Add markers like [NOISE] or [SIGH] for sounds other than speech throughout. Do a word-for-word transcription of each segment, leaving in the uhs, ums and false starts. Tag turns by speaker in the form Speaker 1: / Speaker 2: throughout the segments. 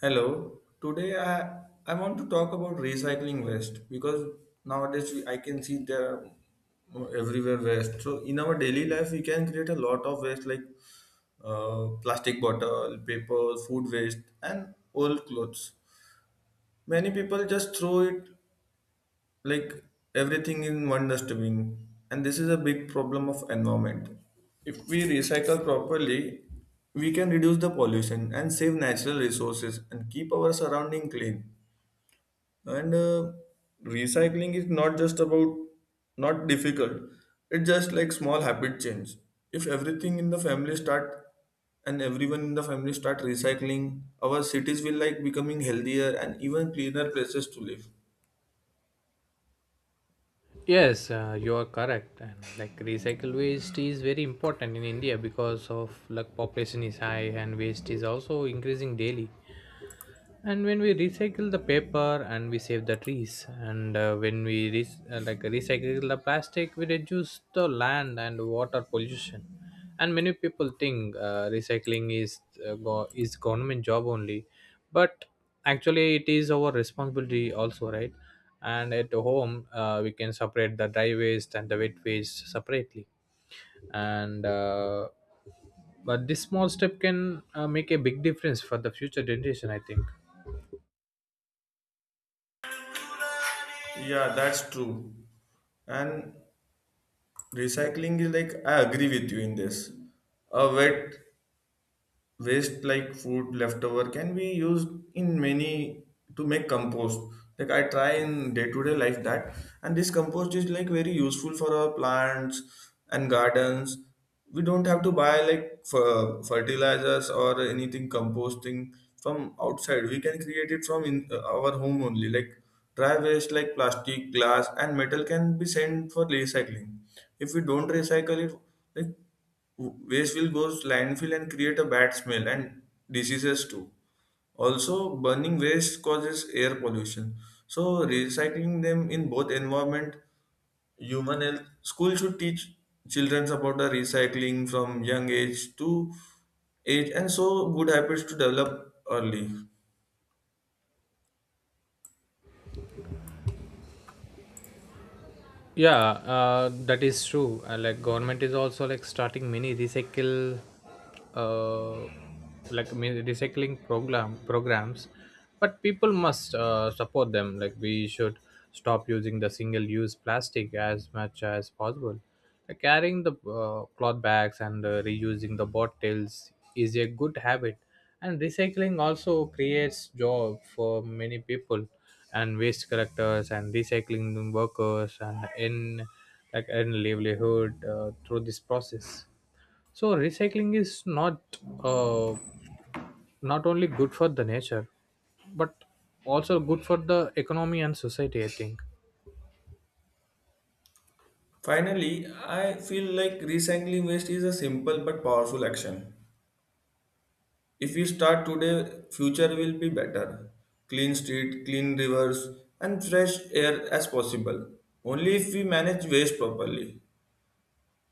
Speaker 1: Hello. Today I I want to talk about recycling waste because nowadays we, I can see there are everywhere waste. So in our daily life we can create a lot of waste like uh, plastic bottle, paper, food waste, and old clothes. Many people just throw it like everything in one dustbin and this is a big problem of environment if we recycle properly we can reduce the pollution and save natural resources and keep our surrounding clean and uh, recycling is not just about not difficult it's just like small habit change if everything in the family start and everyone in the family start recycling our cities will like becoming healthier and even cleaner places to live.
Speaker 2: Yes, uh, you are correct. And like recycle waste is very important in India because of like population is high and waste is also increasing daily. And when we recycle the paper and we save the trees, and uh, when we re- uh, like recycle the plastic, we reduce the land and water pollution. And many people think uh, recycling is uh, go- is government job only, but actually it is our responsibility also, right? And at home, uh, we can separate the dry waste and the wet waste separately. And uh, but this small step can uh, make a big difference for the future generation, I think.
Speaker 1: Yeah, that's true. And recycling is like I agree with you in this. A wet waste like food leftover can be used in many to make compost like I try in day-to-day life that and this compost is like very useful for our plants and gardens. We don't have to buy like fer- fertilizers or anything composting from outside we can create it from in uh, our home only like dry waste like plastic glass and metal can be sent for recycling. If we don't recycle it like waste will go to landfill and create a bad smell and diseases too. Also, burning waste causes air pollution. So, recycling them in both environment, human health. School should teach children about the recycling from young age to age, and so good habits to develop early.
Speaker 2: Yeah, uh, that is true. Uh, like government is also like starting many recycle, uh, like many recycling program programs, but people must uh, support them. Like we should stop using the single use plastic as much as possible, like carrying the uh, cloth bags, and uh, reusing the bottles is a good habit. And recycling also creates job for many people, and waste collectors and recycling workers, and in like in livelihood uh, through this process. So recycling is not uh, not only good for the nature, but also good for the economy and society, I think.
Speaker 1: Finally, I feel like recycling waste is a simple but powerful action. If we start today, future will be better. Clean street, clean rivers, and fresh air as possible. Only if we manage waste properly.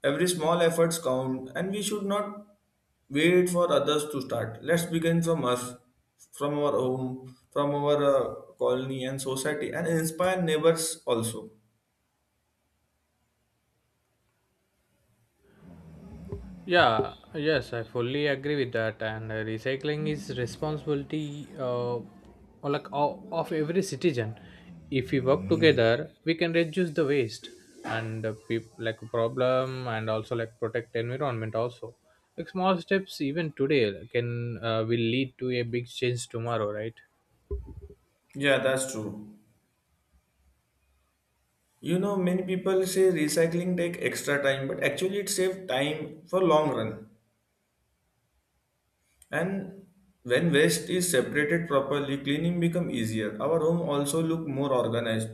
Speaker 1: Every small efforts count, and we should not wait for others to start. Let's begin from us, from our home, from our uh, colony and society, and inspire neighbors also.
Speaker 2: Yeah, yes, I fully agree with that. And uh, recycling is responsibility uh, or like o- of every citizen. If we work together, we can reduce the waste and uh, peop- like problem, and also like protect environment also. Like small steps even today uh, can uh, will lead to a big change tomorrow, right?
Speaker 1: Yeah, that's true. You know, many people say recycling take extra time, but actually it saves time for long run. And when waste is separated properly, cleaning become easier. Our home also look more organized.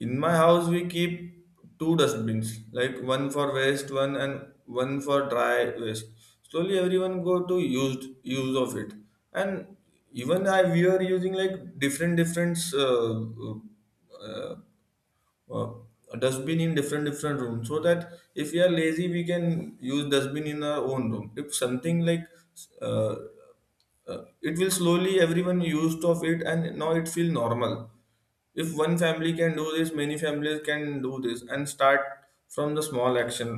Speaker 1: In my house, we keep two dustbins, like one for waste, one and one for dry waste. Slowly, everyone go to used use of it, and even I we are using like different different uh, uh, uh, a dustbin in different different rooms so that if we are lazy we can use dustbin in our own room if something like uh, uh, it will slowly everyone used of it and now it feel normal. If one family can do this many families can do this and start from the small action.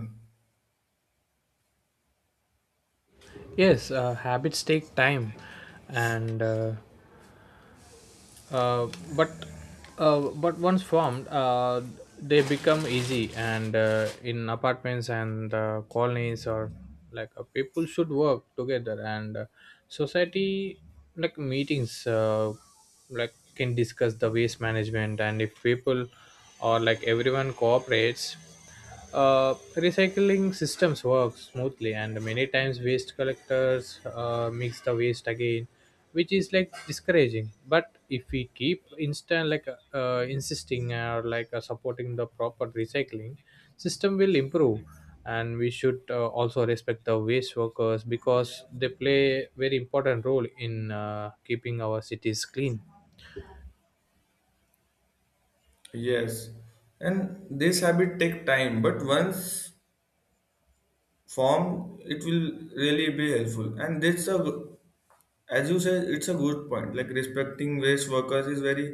Speaker 2: Yes, uh, habits take time, and uh, Uh, but uh, but once formed, uh, they become easy. And uh, in apartments and uh, colonies, or like uh, people should work together. And uh, society like meetings uh, like can discuss the waste management, and if people or like everyone cooperates, uh, recycling systems work smoothly. And many times waste collectors uh, mix the waste again, which is like discouraging. But if we keep instant like uh, insisting or like uh, supporting the proper recycling system, will improve. And we should uh, also respect the waste workers because they play very important role in uh, keeping our cities clean.
Speaker 1: Yes, and this habit take time but once form it will really be helpful and that's a g- as you said it's a good point like respecting waste workers is very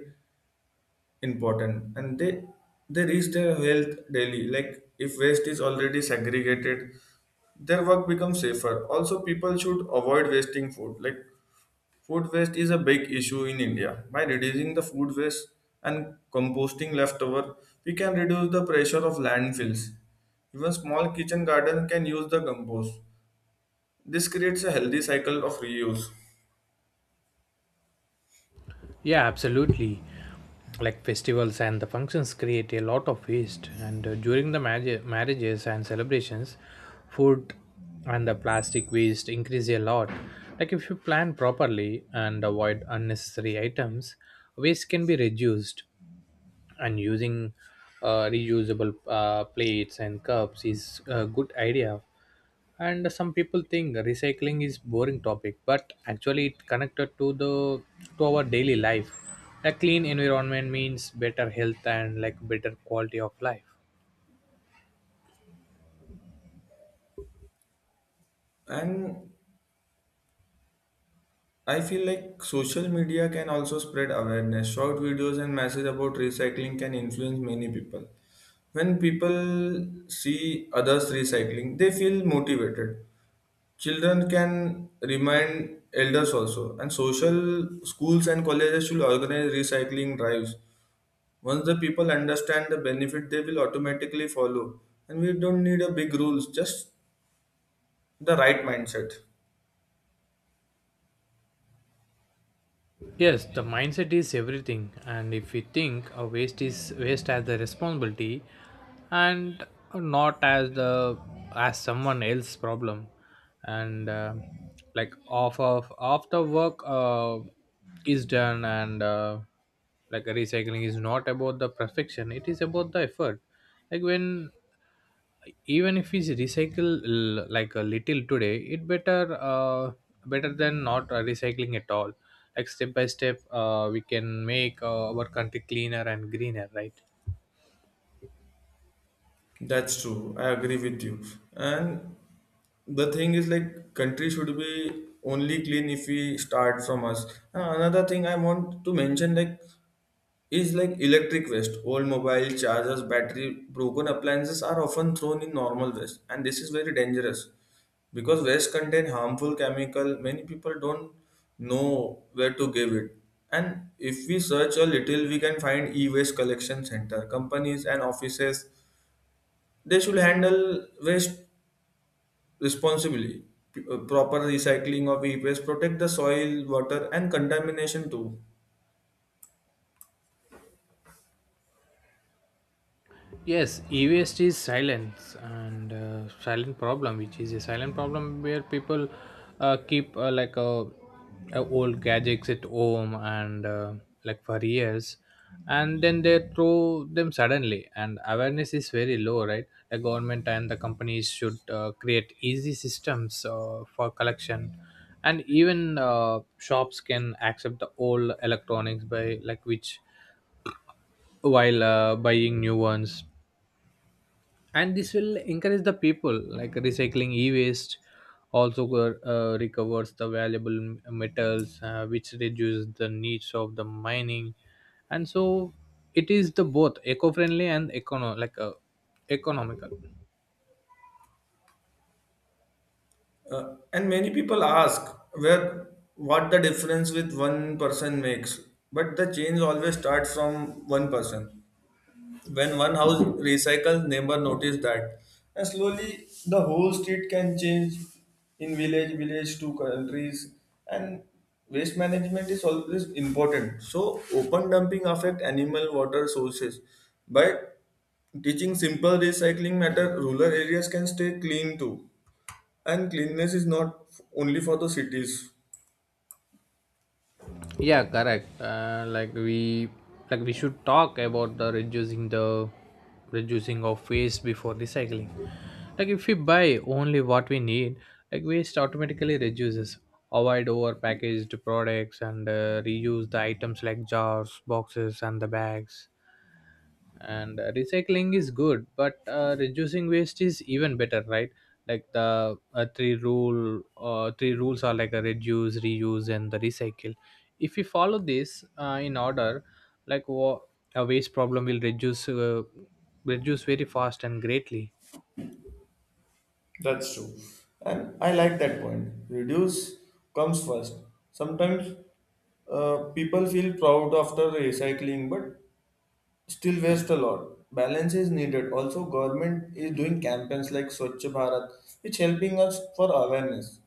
Speaker 1: important and they they risk their health daily like if waste is already segregated their work becomes safer also people should avoid wasting food like food waste is a big issue in India by reducing the food waste and composting leftover we can reduce the pressure of landfills. Even small kitchen garden can use the compost. This creates a healthy cycle of reuse.
Speaker 2: Yeah, absolutely. Like festivals and the functions create a lot of waste, and uh, during the marriage, marriages and celebrations, food and the plastic waste increase a lot. Like if you plan properly and avoid unnecessary items, waste can be reduced. And using uh, reusable uh, plates and cups is a good idea. And some people think recycling is boring topic, but actually it connected to the to our daily life. A clean environment means better health and like better quality of life.
Speaker 1: And I feel like social media can also spread awareness. Short videos and messages about recycling can influence many people. When people see others recycling, they feel motivated. Children can remind elders also, and social schools and colleges should organize recycling drives. Once the people understand the benefit, they will automatically follow. And we don't need a big rules, just the right mindset.
Speaker 2: Yes, the mindset is everything, and if we think a waste is waste as the responsibility, and not as the as someone else's problem. And uh, like off of after work uh, is done. And uh, Like recycling is not about the perfection; it is about the effort. Like when even if we recycle l- like a little today, it better uh, better than not uh, recycling at all. Like step by step, uh, we can make uh, our country cleaner and greener, right?
Speaker 1: That's true. I agree with you. And the thing is, like, country should be only clean if we start from us. Uh, Another thing I want to mention, like, is like electric waste. Old mobile chargers, battery, broken appliances are often thrown in normal waste, and this is very dangerous because waste contain harmful chemical. Many people don't know where to give it. And if we search a little, we can find e-waste collection center, companies, and offices they should handle waste responsibly. P- uh, proper recycling of e-waste protect the soil, water, and contamination too.
Speaker 2: Yes, e waste is silence and uh, silent problem, which is a silent problem where people uh, keep uh, like uh, uh, old gadgets at home and uh, like for years, and then they throw them suddenly. And awareness is very low, right? The government and the companies should uh, create easy systems uh, for collection, and even uh, shops can accept the old electronics by like which while uh, buying new ones. And this will encourage the people like recycling e-waste also go- uh, recovers the valuable m- metals, uh, which reduces the needs of the mining. And so it is the both eco-friendly and econo- like uh, economical.
Speaker 1: Uh, and many people ask where what the difference with one person makes, but the change always starts from one person. When one house recycles, neighbor notice that. And slowly the whole street can change in village, village to countries. And waste management is always important. So open dumping affect animal water sources. But teaching simple recycling matter, rural areas can stay clean too. And cleanliness is not only for the cities.
Speaker 2: Yeah, correct. Uh, like we like we should talk about the reducing the reducing of waste before recycling. Like if we buy only what we need, like waste automatically reduces. Avoid over packaged products, and uh, reuse the items like jars, boxes and the bags. And uh, recycling is good, but uh, reducing waste is even better, right? Like the uh, three rule uh, three rules are like a reduce, reuse and the recycle. If we follow this uh, in order, like wa- a waste problem will reduce uh, reduce very fast and greatly.
Speaker 1: That's true. And I like that point. Reduce comes first. Sometimes uh, people feel proud after recycling but still waste a lot. Balance is needed. Also, government is doing campaigns like Swachh Bharat, which helping us for awareness.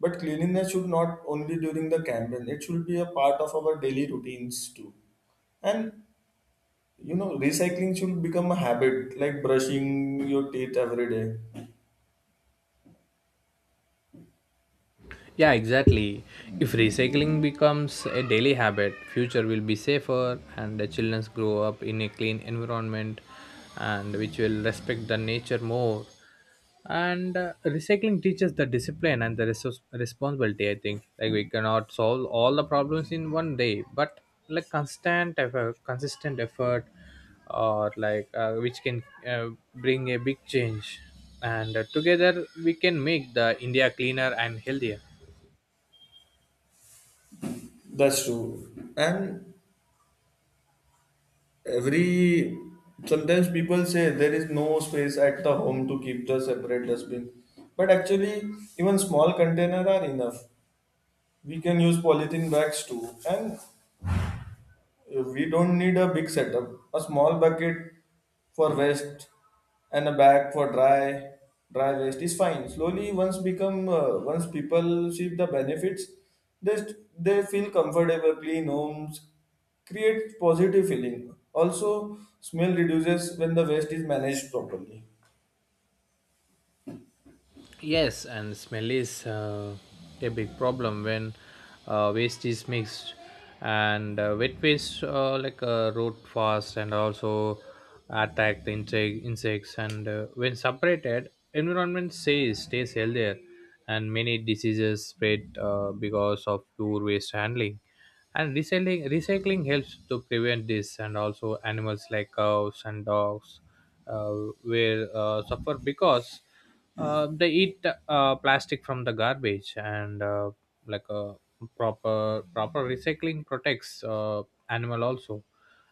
Speaker 1: But cleanliness should not only during the campaign, it should be a part of our daily routines too. And you know, recycling should become a habit, like brushing your teeth every day.
Speaker 2: Yeah, exactly. If recycling becomes a daily habit, future will be safer and the children grow up in a clean environment, and which will respect the nature more. And uh, recycling teaches the discipline and the resource responsibility, I think. Like we cannot solve all the problems in one day, but like constant effort consistent effort, or like uh, which can uh, bring a big change. And uh, together we can make the India cleaner and healthier.
Speaker 1: That's true. And every sometimes people say there is no space at the home to keep the separate dustbin but actually even small container are enough. We can use polythene bags too and we don't need a big setup. A small bucket for waste and a bag for dry dry waste is fine. Slowly, once become uh, once people see the benefits, they st- they feel comfortable. Clean homes create positive feeling. Also, smell reduces when the waste is managed properly.
Speaker 2: Yes, and smell is uh, a big problem when uh, waste is mixed. And uh, wet waste uh, like uh, rot fast, and also attack the insect, insects. And uh, when separated, environment says stays healthier, and many diseases spread uh, because of poor waste handling. And recycling recycling helps to prevent this. And also animals like cows and dogs, uh, will uh, suffer because uh, they eat uh, plastic from the garbage. And uh, like a proper proper recycling protects uh, animal also.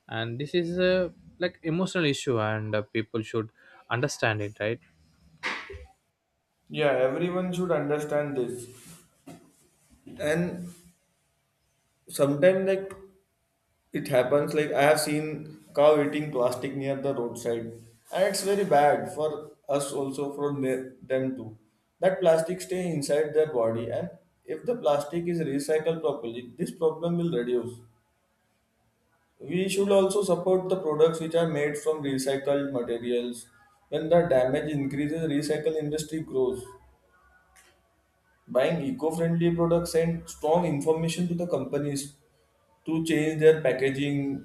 Speaker 2: And this is a like emotional issue, and uh, people should understand it, right?
Speaker 1: Yeah, everyone should understand this. And sometimes like it happens like I have seen cow eating plastic near the roadside and it's very bad for us also for ne- them too. That plastic stay inside their body and if the plastic is recycled properly this problem will reduce. We should also support the products which are made from recycled materials. When the damage increases recycle industry grows. Buying eco-friendly products send strong information to the companies to change their packaging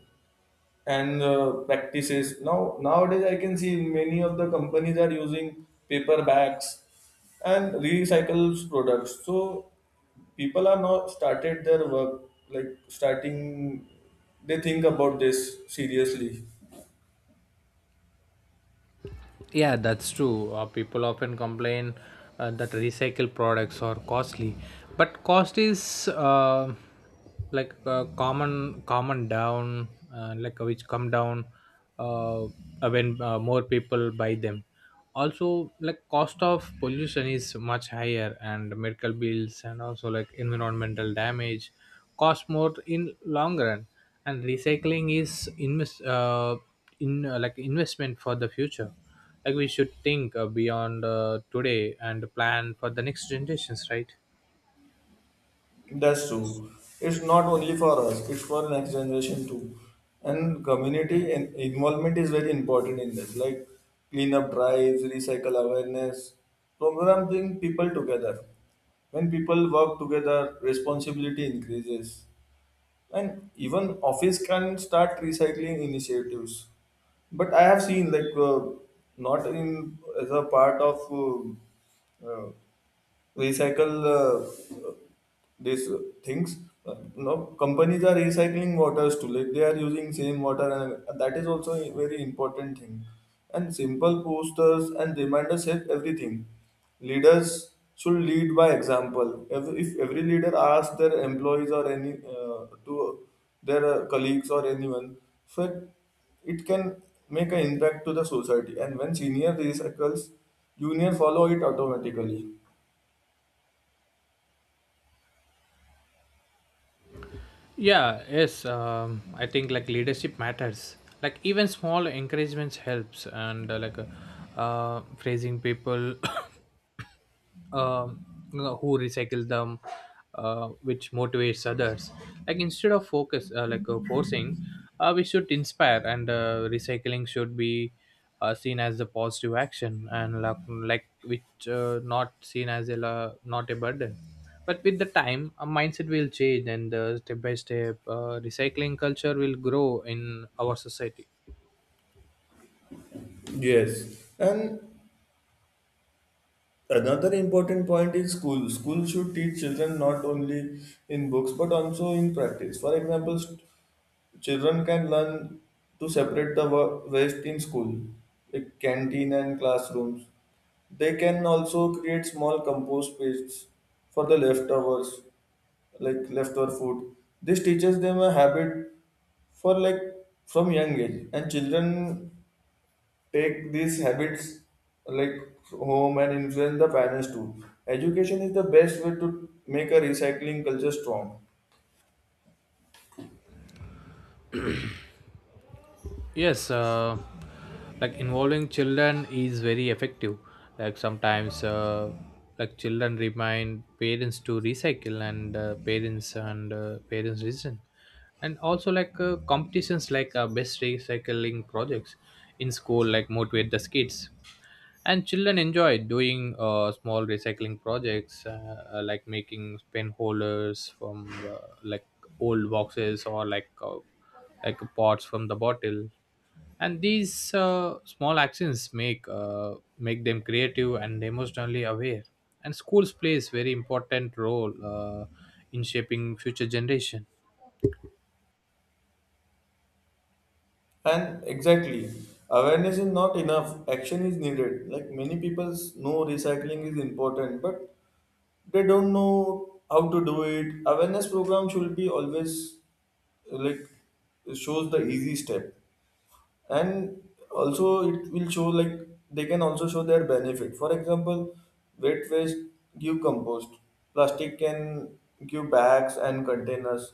Speaker 1: and uh, practices. Now nowadays, I can see many of the companies are using paper bags and recycled products. So people are now started their work like starting. They think about this seriously.
Speaker 2: Yeah, that's true. Uh, people often complain uh, that recycled products are costly, but cost is uh, like uh, common common down uh, like uh, which come down uh, uh, when uh, more people buy them. Also, like cost of pollution is much higher, and medical bills, and also like environmental damage cost more in long run. And recycling is invest uh, in uh, like investment for the future. Like we should think uh, beyond uh, today, and plan for the next generations, right?
Speaker 1: That's true. It's not only for us, it's for next generation too. And community and involvement is very important in this, like cleanup drives, recycle awareness, program bring people together. When people work together, responsibility increases. And even office can start recycling initiatives. But I have seen like uh, not in as a part of uh, uh, recycle uh, these uh, things. Uh, no, companies are recycling waters too like they are using same water and that is also a very important thing. And simple posters and reminders help everything. Leaders should lead by example. Every- if every leader asks their employees or any uh, to their uh, colleagues or anyone, so it can make an impact to the society. And when senior recycles junior follow it automatically.
Speaker 2: Yeah, yes, um, I think like leadership matters. Like even small encouragements helps. And uh, like uh, uh, praising people [COUGHS] um, you know, who recycle them, uh, which motivates others. Like instead of focus, uh, like uh, forcing, uh, we should inspire. And uh, recycling should be uh, seen as a positive action, and like, like which uh, not seen as a la- not a burden. But with the time, our mindset will change, and uh, step by step, uh, recycling culture will grow in our society.
Speaker 1: Yes, and another important point is school. School should teach children not only in books but also in practice. For example, st- children can learn to separate the wa- waste in school, like canteen and classrooms. They can also create small compost pits for the leftovers, like leftover food. This teaches them a habit for like from young age, and children take these habits like home and influence the parents too. Education is the best way to make a recycling culture strong.
Speaker 2: Yes, uh, like involving children is very effective. Like sometimes, uh, like children remind parents to recycle, and uh, parents and uh, parents listen. And also like uh, competitions, like uh, best recycling projects in school, like motivate the kids. And children enjoy doing uh, small recycling projects, uh, uh, like making pen holders from uh, like old boxes, or like uh, like pots from the bottle. And these uh, small actions make uh, make them creative and emotionally aware. And schools plays very important role uh, in shaping future generation.
Speaker 1: And exactly, awareness is not enough. Action is needed. Like many people know recycling is important, but they don't know how to do it. Awareness program should be always like shows the easy step, and also it will show like they can also show their benefit. For example, wet waste give compost, plastic can give bags and containers.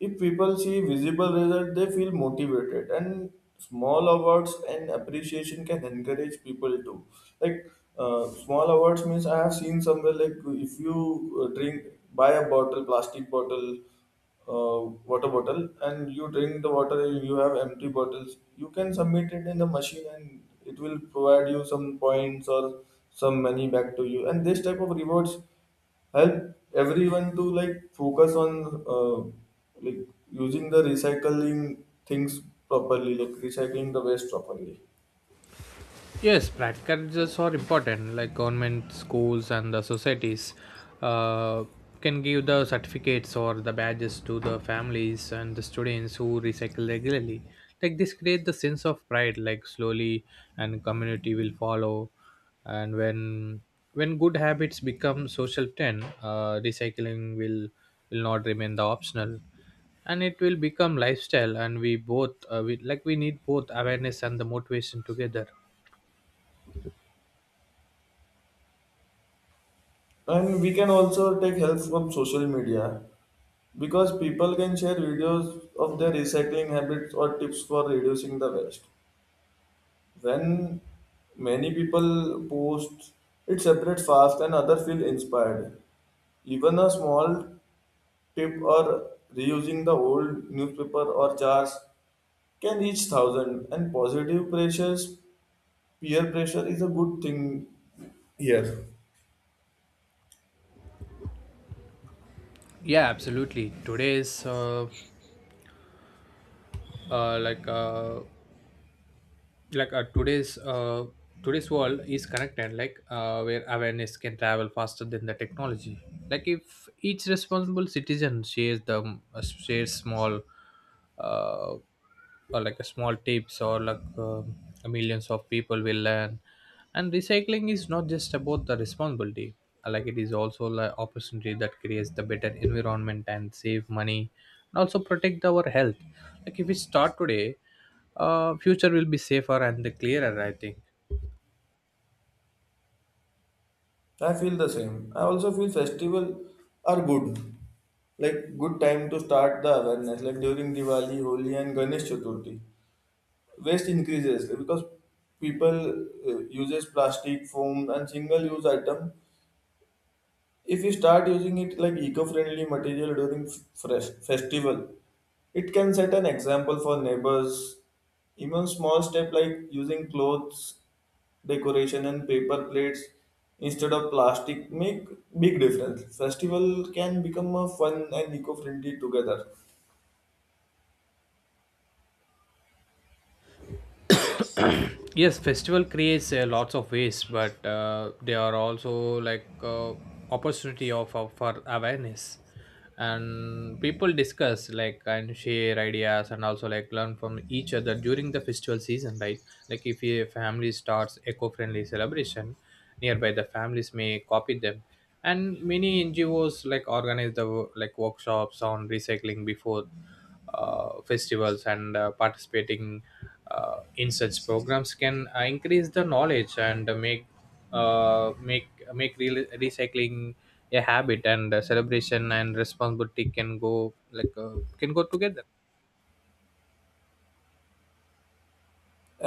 Speaker 1: If people see visible result they feel motivated, and small awards and appreciation can encourage people to like uh, small awards means I have seen somewhere like if you uh, drink buy a bottle plastic bottle, uh, water bottle, and you drink the water, you have empty bottles you can submit it in the machine and it will provide you some points or some money back to you. And this type of rewards help everyone to like focus on uh, like using the recycling things properly, like recycling the waste properly.
Speaker 2: Yes, practical results are important. Like government schools and the societies uh, can give the certificates or the badges to the families and the students who recycle regularly. Like this creates the sense of pride. Like slowly, and community will follow. And when when good habits become social trend, uh, recycling will will not remain the optional, and it will become lifestyle. And we both uh, we, like we need both awareness and the motivation together.
Speaker 1: And we can also take help from social media because people can share videos of their recycling habits or tips for reducing the waste. When many people post, it separates fast and other feel inspired. Even a small tip or reusing the old newspaper or jars can reach thousand and positive pressures, peer pressure is a good thing here.
Speaker 2: Yeah, absolutely. Today's uh, uh, like uh, like uh, today's uh, Today's world is connected, like uh, where awareness can travel faster than the technology. Like if each responsible citizen shares the um, uh, shares small uh, or like a small tips, or like um millions of people will learn. And recycling is not just about the responsibility. Uh, like it is also an opportunity that creates the better environment, and save money, and also protect our health. Like if we start today, uh, future will be safer and clearer, I think.
Speaker 1: I feel the same. I also feel festival are good. Like good time to start the awareness, like during Diwali, Holi and Ganesh Chaturthi. Waste increases because people uh, uses plastic foam and single use item. If we start using it like eco-friendly material during f- fresh festival, it can set an example for neighbors. Even small step like using clothes, decoration and paper plates instead of plastic make big difference. Festival can become a fun and eco-friendly together.
Speaker 2: Yes, festival creates uh, lots of waste, but uh, they are also like uh, opportunity of, of for awareness. And people discuss like and share ideas, and also like learn from each other during the festival season, right? Like if a family starts eco-friendly celebration, nearby the families may copy them. And many N G Os like organize the wo- like workshops on recycling before uh, festivals. And uh, participating uh, in such programs can uh, increase the knowledge, and uh, make uh, make make re- recycling a habit. And uh, celebration and responsibility can go like uh, can go together.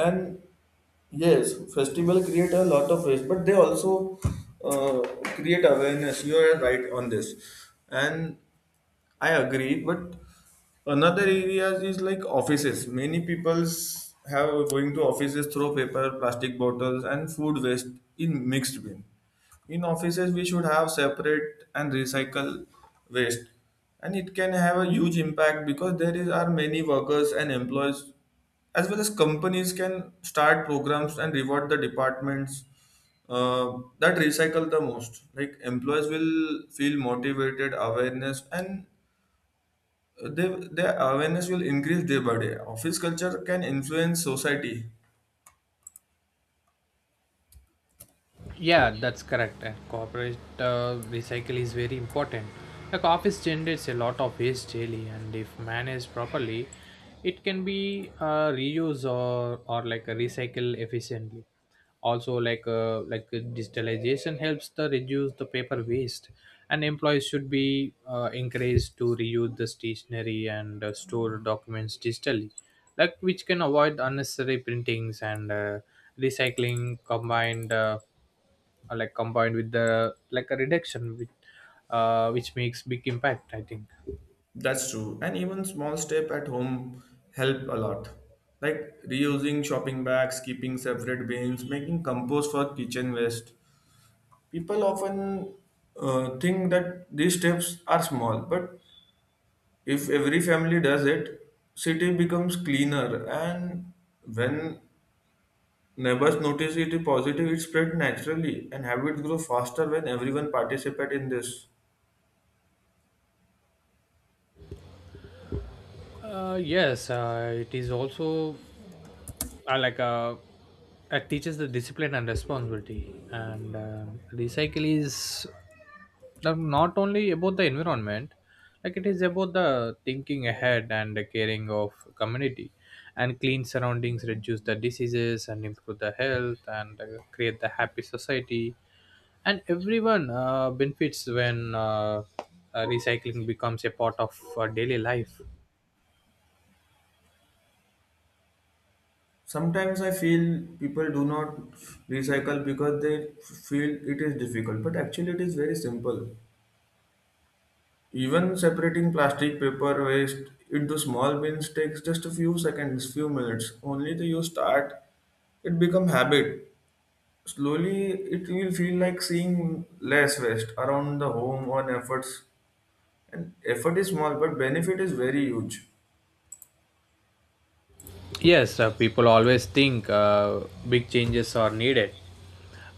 Speaker 1: And yes, festival create a lot of waste, but they also uh, create awareness. You are right on this. And I agree, but another areas is like offices. Many peoples have going to offices throw paper, plastic bottles, and food waste in mixed bin. In offices, we should have separate and recycle waste, and it can have a huge impact because there is are many workers and employees, as well as companies can start programs and reward the departments uh, that recycle the most. Like employees will feel motivated, awareness, and they, their awareness will increase day by day. Office culture can influence society.
Speaker 2: Yeah, that's correct. And corporate uh, recycle is very important. Like office generates a lot of waste daily, and if managed properly, it can be uh, reused or or like a recycle efficiently. Also, like uh, like uh, digitalization helps to reduce the paper waste. And employees should be uh, encouraged to reuse the stationery, and uh, store documents digitally, like which can avoid unnecessary printings. And uh, recycling combined. Uh, uh, like combined with the like a reduction, which uh, which makes big impact, I think.
Speaker 1: That's true. And even small step at home help a lot. Like reusing shopping bags, keeping separate bins, making compost for kitchen waste. People often uh, think that these steps are small, but if every family does it, city becomes cleaner. And when neighbors notice it positive, it spread naturally, and habits grow faster when everyone participate in this.
Speaker 2: Uh, yes, uh, it is also uh, like a it teaches the discipline and responsibility. And uh, recycle is now, not only about the environment, like it is about the thinking ahead and the caring of community. And clean surroundings reduce the diseases and improve the health, and uh, create the happy society. And everyone uh, benefits when uh, uh, recycling becomes a part of uh, daily life.
Speaker 1: Sometimes I feel people do not recycle because they feel it is difficult, but actually it is very simple. Even separating plastic paper waste into small bins takes just a few seconds, few minutes. Only the you start, it become habit. Slowly, it will feel like seeing less waste around the home on efforts. And effort is small, but benefit is very huge.
Speaker 2: Yes, uh, people always think uh, big changes are needed,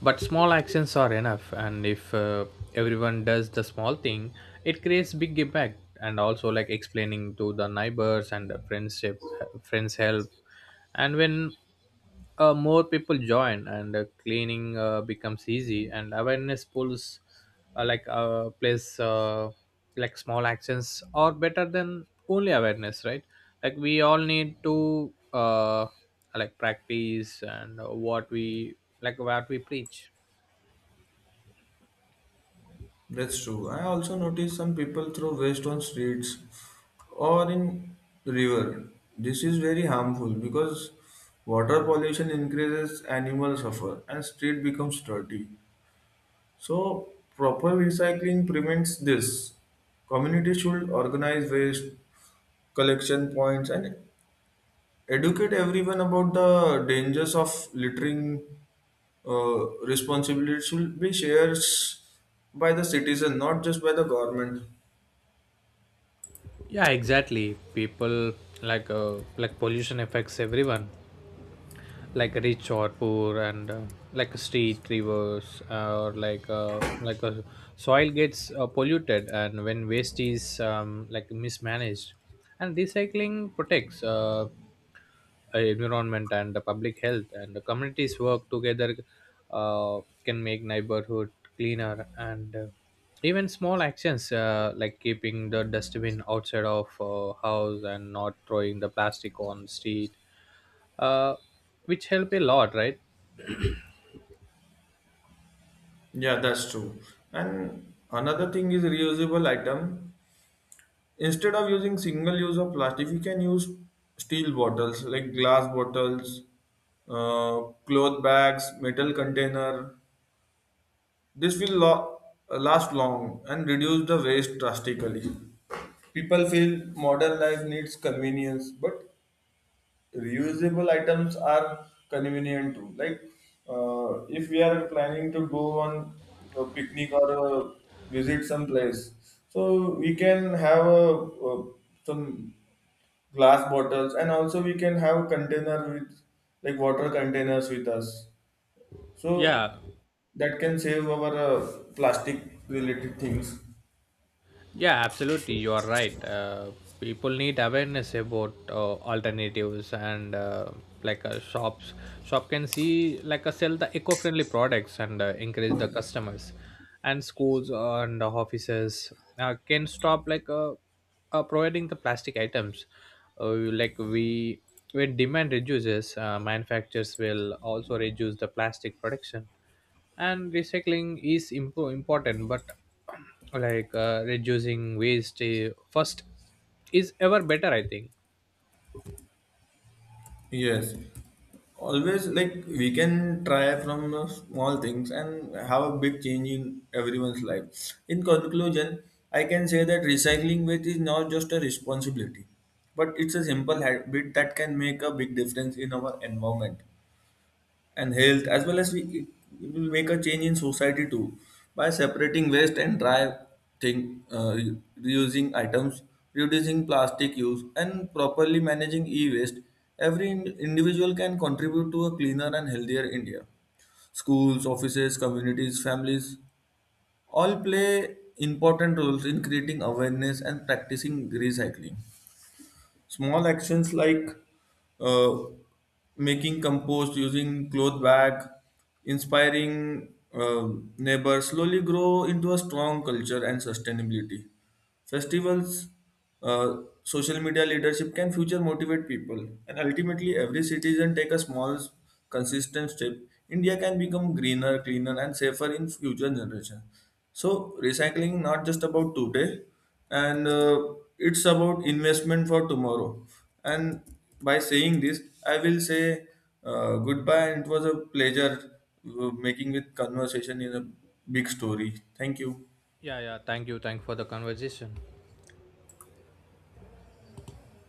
Speaker 2: but small actions are enough. And if uh, everyone does the small thing, it creates big impact. And also, like explaining to the neighbors and the friendship, friends help. And when uh, more people join, and uh, cleaning uh, becomes easy, and awareness pools uh, like uh, place uh, like small actions are better than only awareness, right? Like we all need to uh, like practice and uh, what we like what we preach.
Speaker 1: That's true. I also noticed some people throw waste on streets or in river. This is very harmful because water pollution increases, animal suffer and street becomes dirty. So proper recycling prevents this. Community should organize waste collection points and educate everyone about the dangers of littering. Uh, responsibility should be shared by the citizen, not just by the government.
Speaker 2: Yeah, exactly. People like uh, like pollution affects everyone, like rich or poor. And uh, like street rivers uh, or like uh, like a soil gets uh, polluted, and when waste is um, like mismanaged. And recycling protects uh, uh, environment and the public health. And the communities work together, uh, can make neighborhood cleaner. And uh, even small actions, uh, like keeping the dustbin outside of uh, house and not throwing the plastic on street, uh, which help a lot, right?
Speaker 1: Yeah, that's true. And another thing is reusable item. Instead of using single use of plastic, we can use steel bottles like glass bottles, uh, cloth bags, metal container. This will lo- last long and reduce the waste drastically. People feel modern life needs convenience, but reusable items are convenient too. Like uh, if we are planning to go on a picnic or uh, visit some place, so we can have uh uh some glass bottles, and also we can have container with like water containers with us. So
Speaker 2: Yeah.
Speaker 1: that can save our uh, plastic related things.
Speaker 2: Yeah, absolutely. You are right. Uh, people need awareness about uh, alternatives, and uh, like uh, shops. Shop can see like uh, sell the eco-friendly products, and uh, encourage the customers. And schools and offices uh, can stop like uh, uh, providing the plastic items. Uh, like we When demand reduces, uh, manufacturers will also reduce the plastic production. And recycling is impo- important, but like uh, reducing waste uh, first is ever better, I think.
Speaker 1: Yes, always like we can try from uh, small things and have a big change in everyone's life. In conclusion, I can say that recycling waste is not just a responsibility, but it's a simple habit that can make a big difference in our environment and health, as well as we it will make a change in society too. By separating waste and dry thing, uh, re- reusing items, reducing plastic use and properly managing e-waste, every ind- individual can contribute to a cleaner and healthier India. Schools, offices, communities, families all play important roles in creating awareness and practicing recycling. Small actions like uh, making compost, using cloth bag, inspiring uh, neighbors slowly grow into a strong culture and sustainability. Festivals, uh, social media leadership can future motivate people, and ultimately, every citizen take a small, consistent step. India can become greener, cleaner, and safer in future generation. So, recycling not just about today, and uh, it's about investment for tomorrow. And by saying this, I will say uh, goodbye, and it was a pleasure uh, making with conversation in a big story. Thank you.
Speaker 2: Yeah yeah, thank you, thank for the conversation.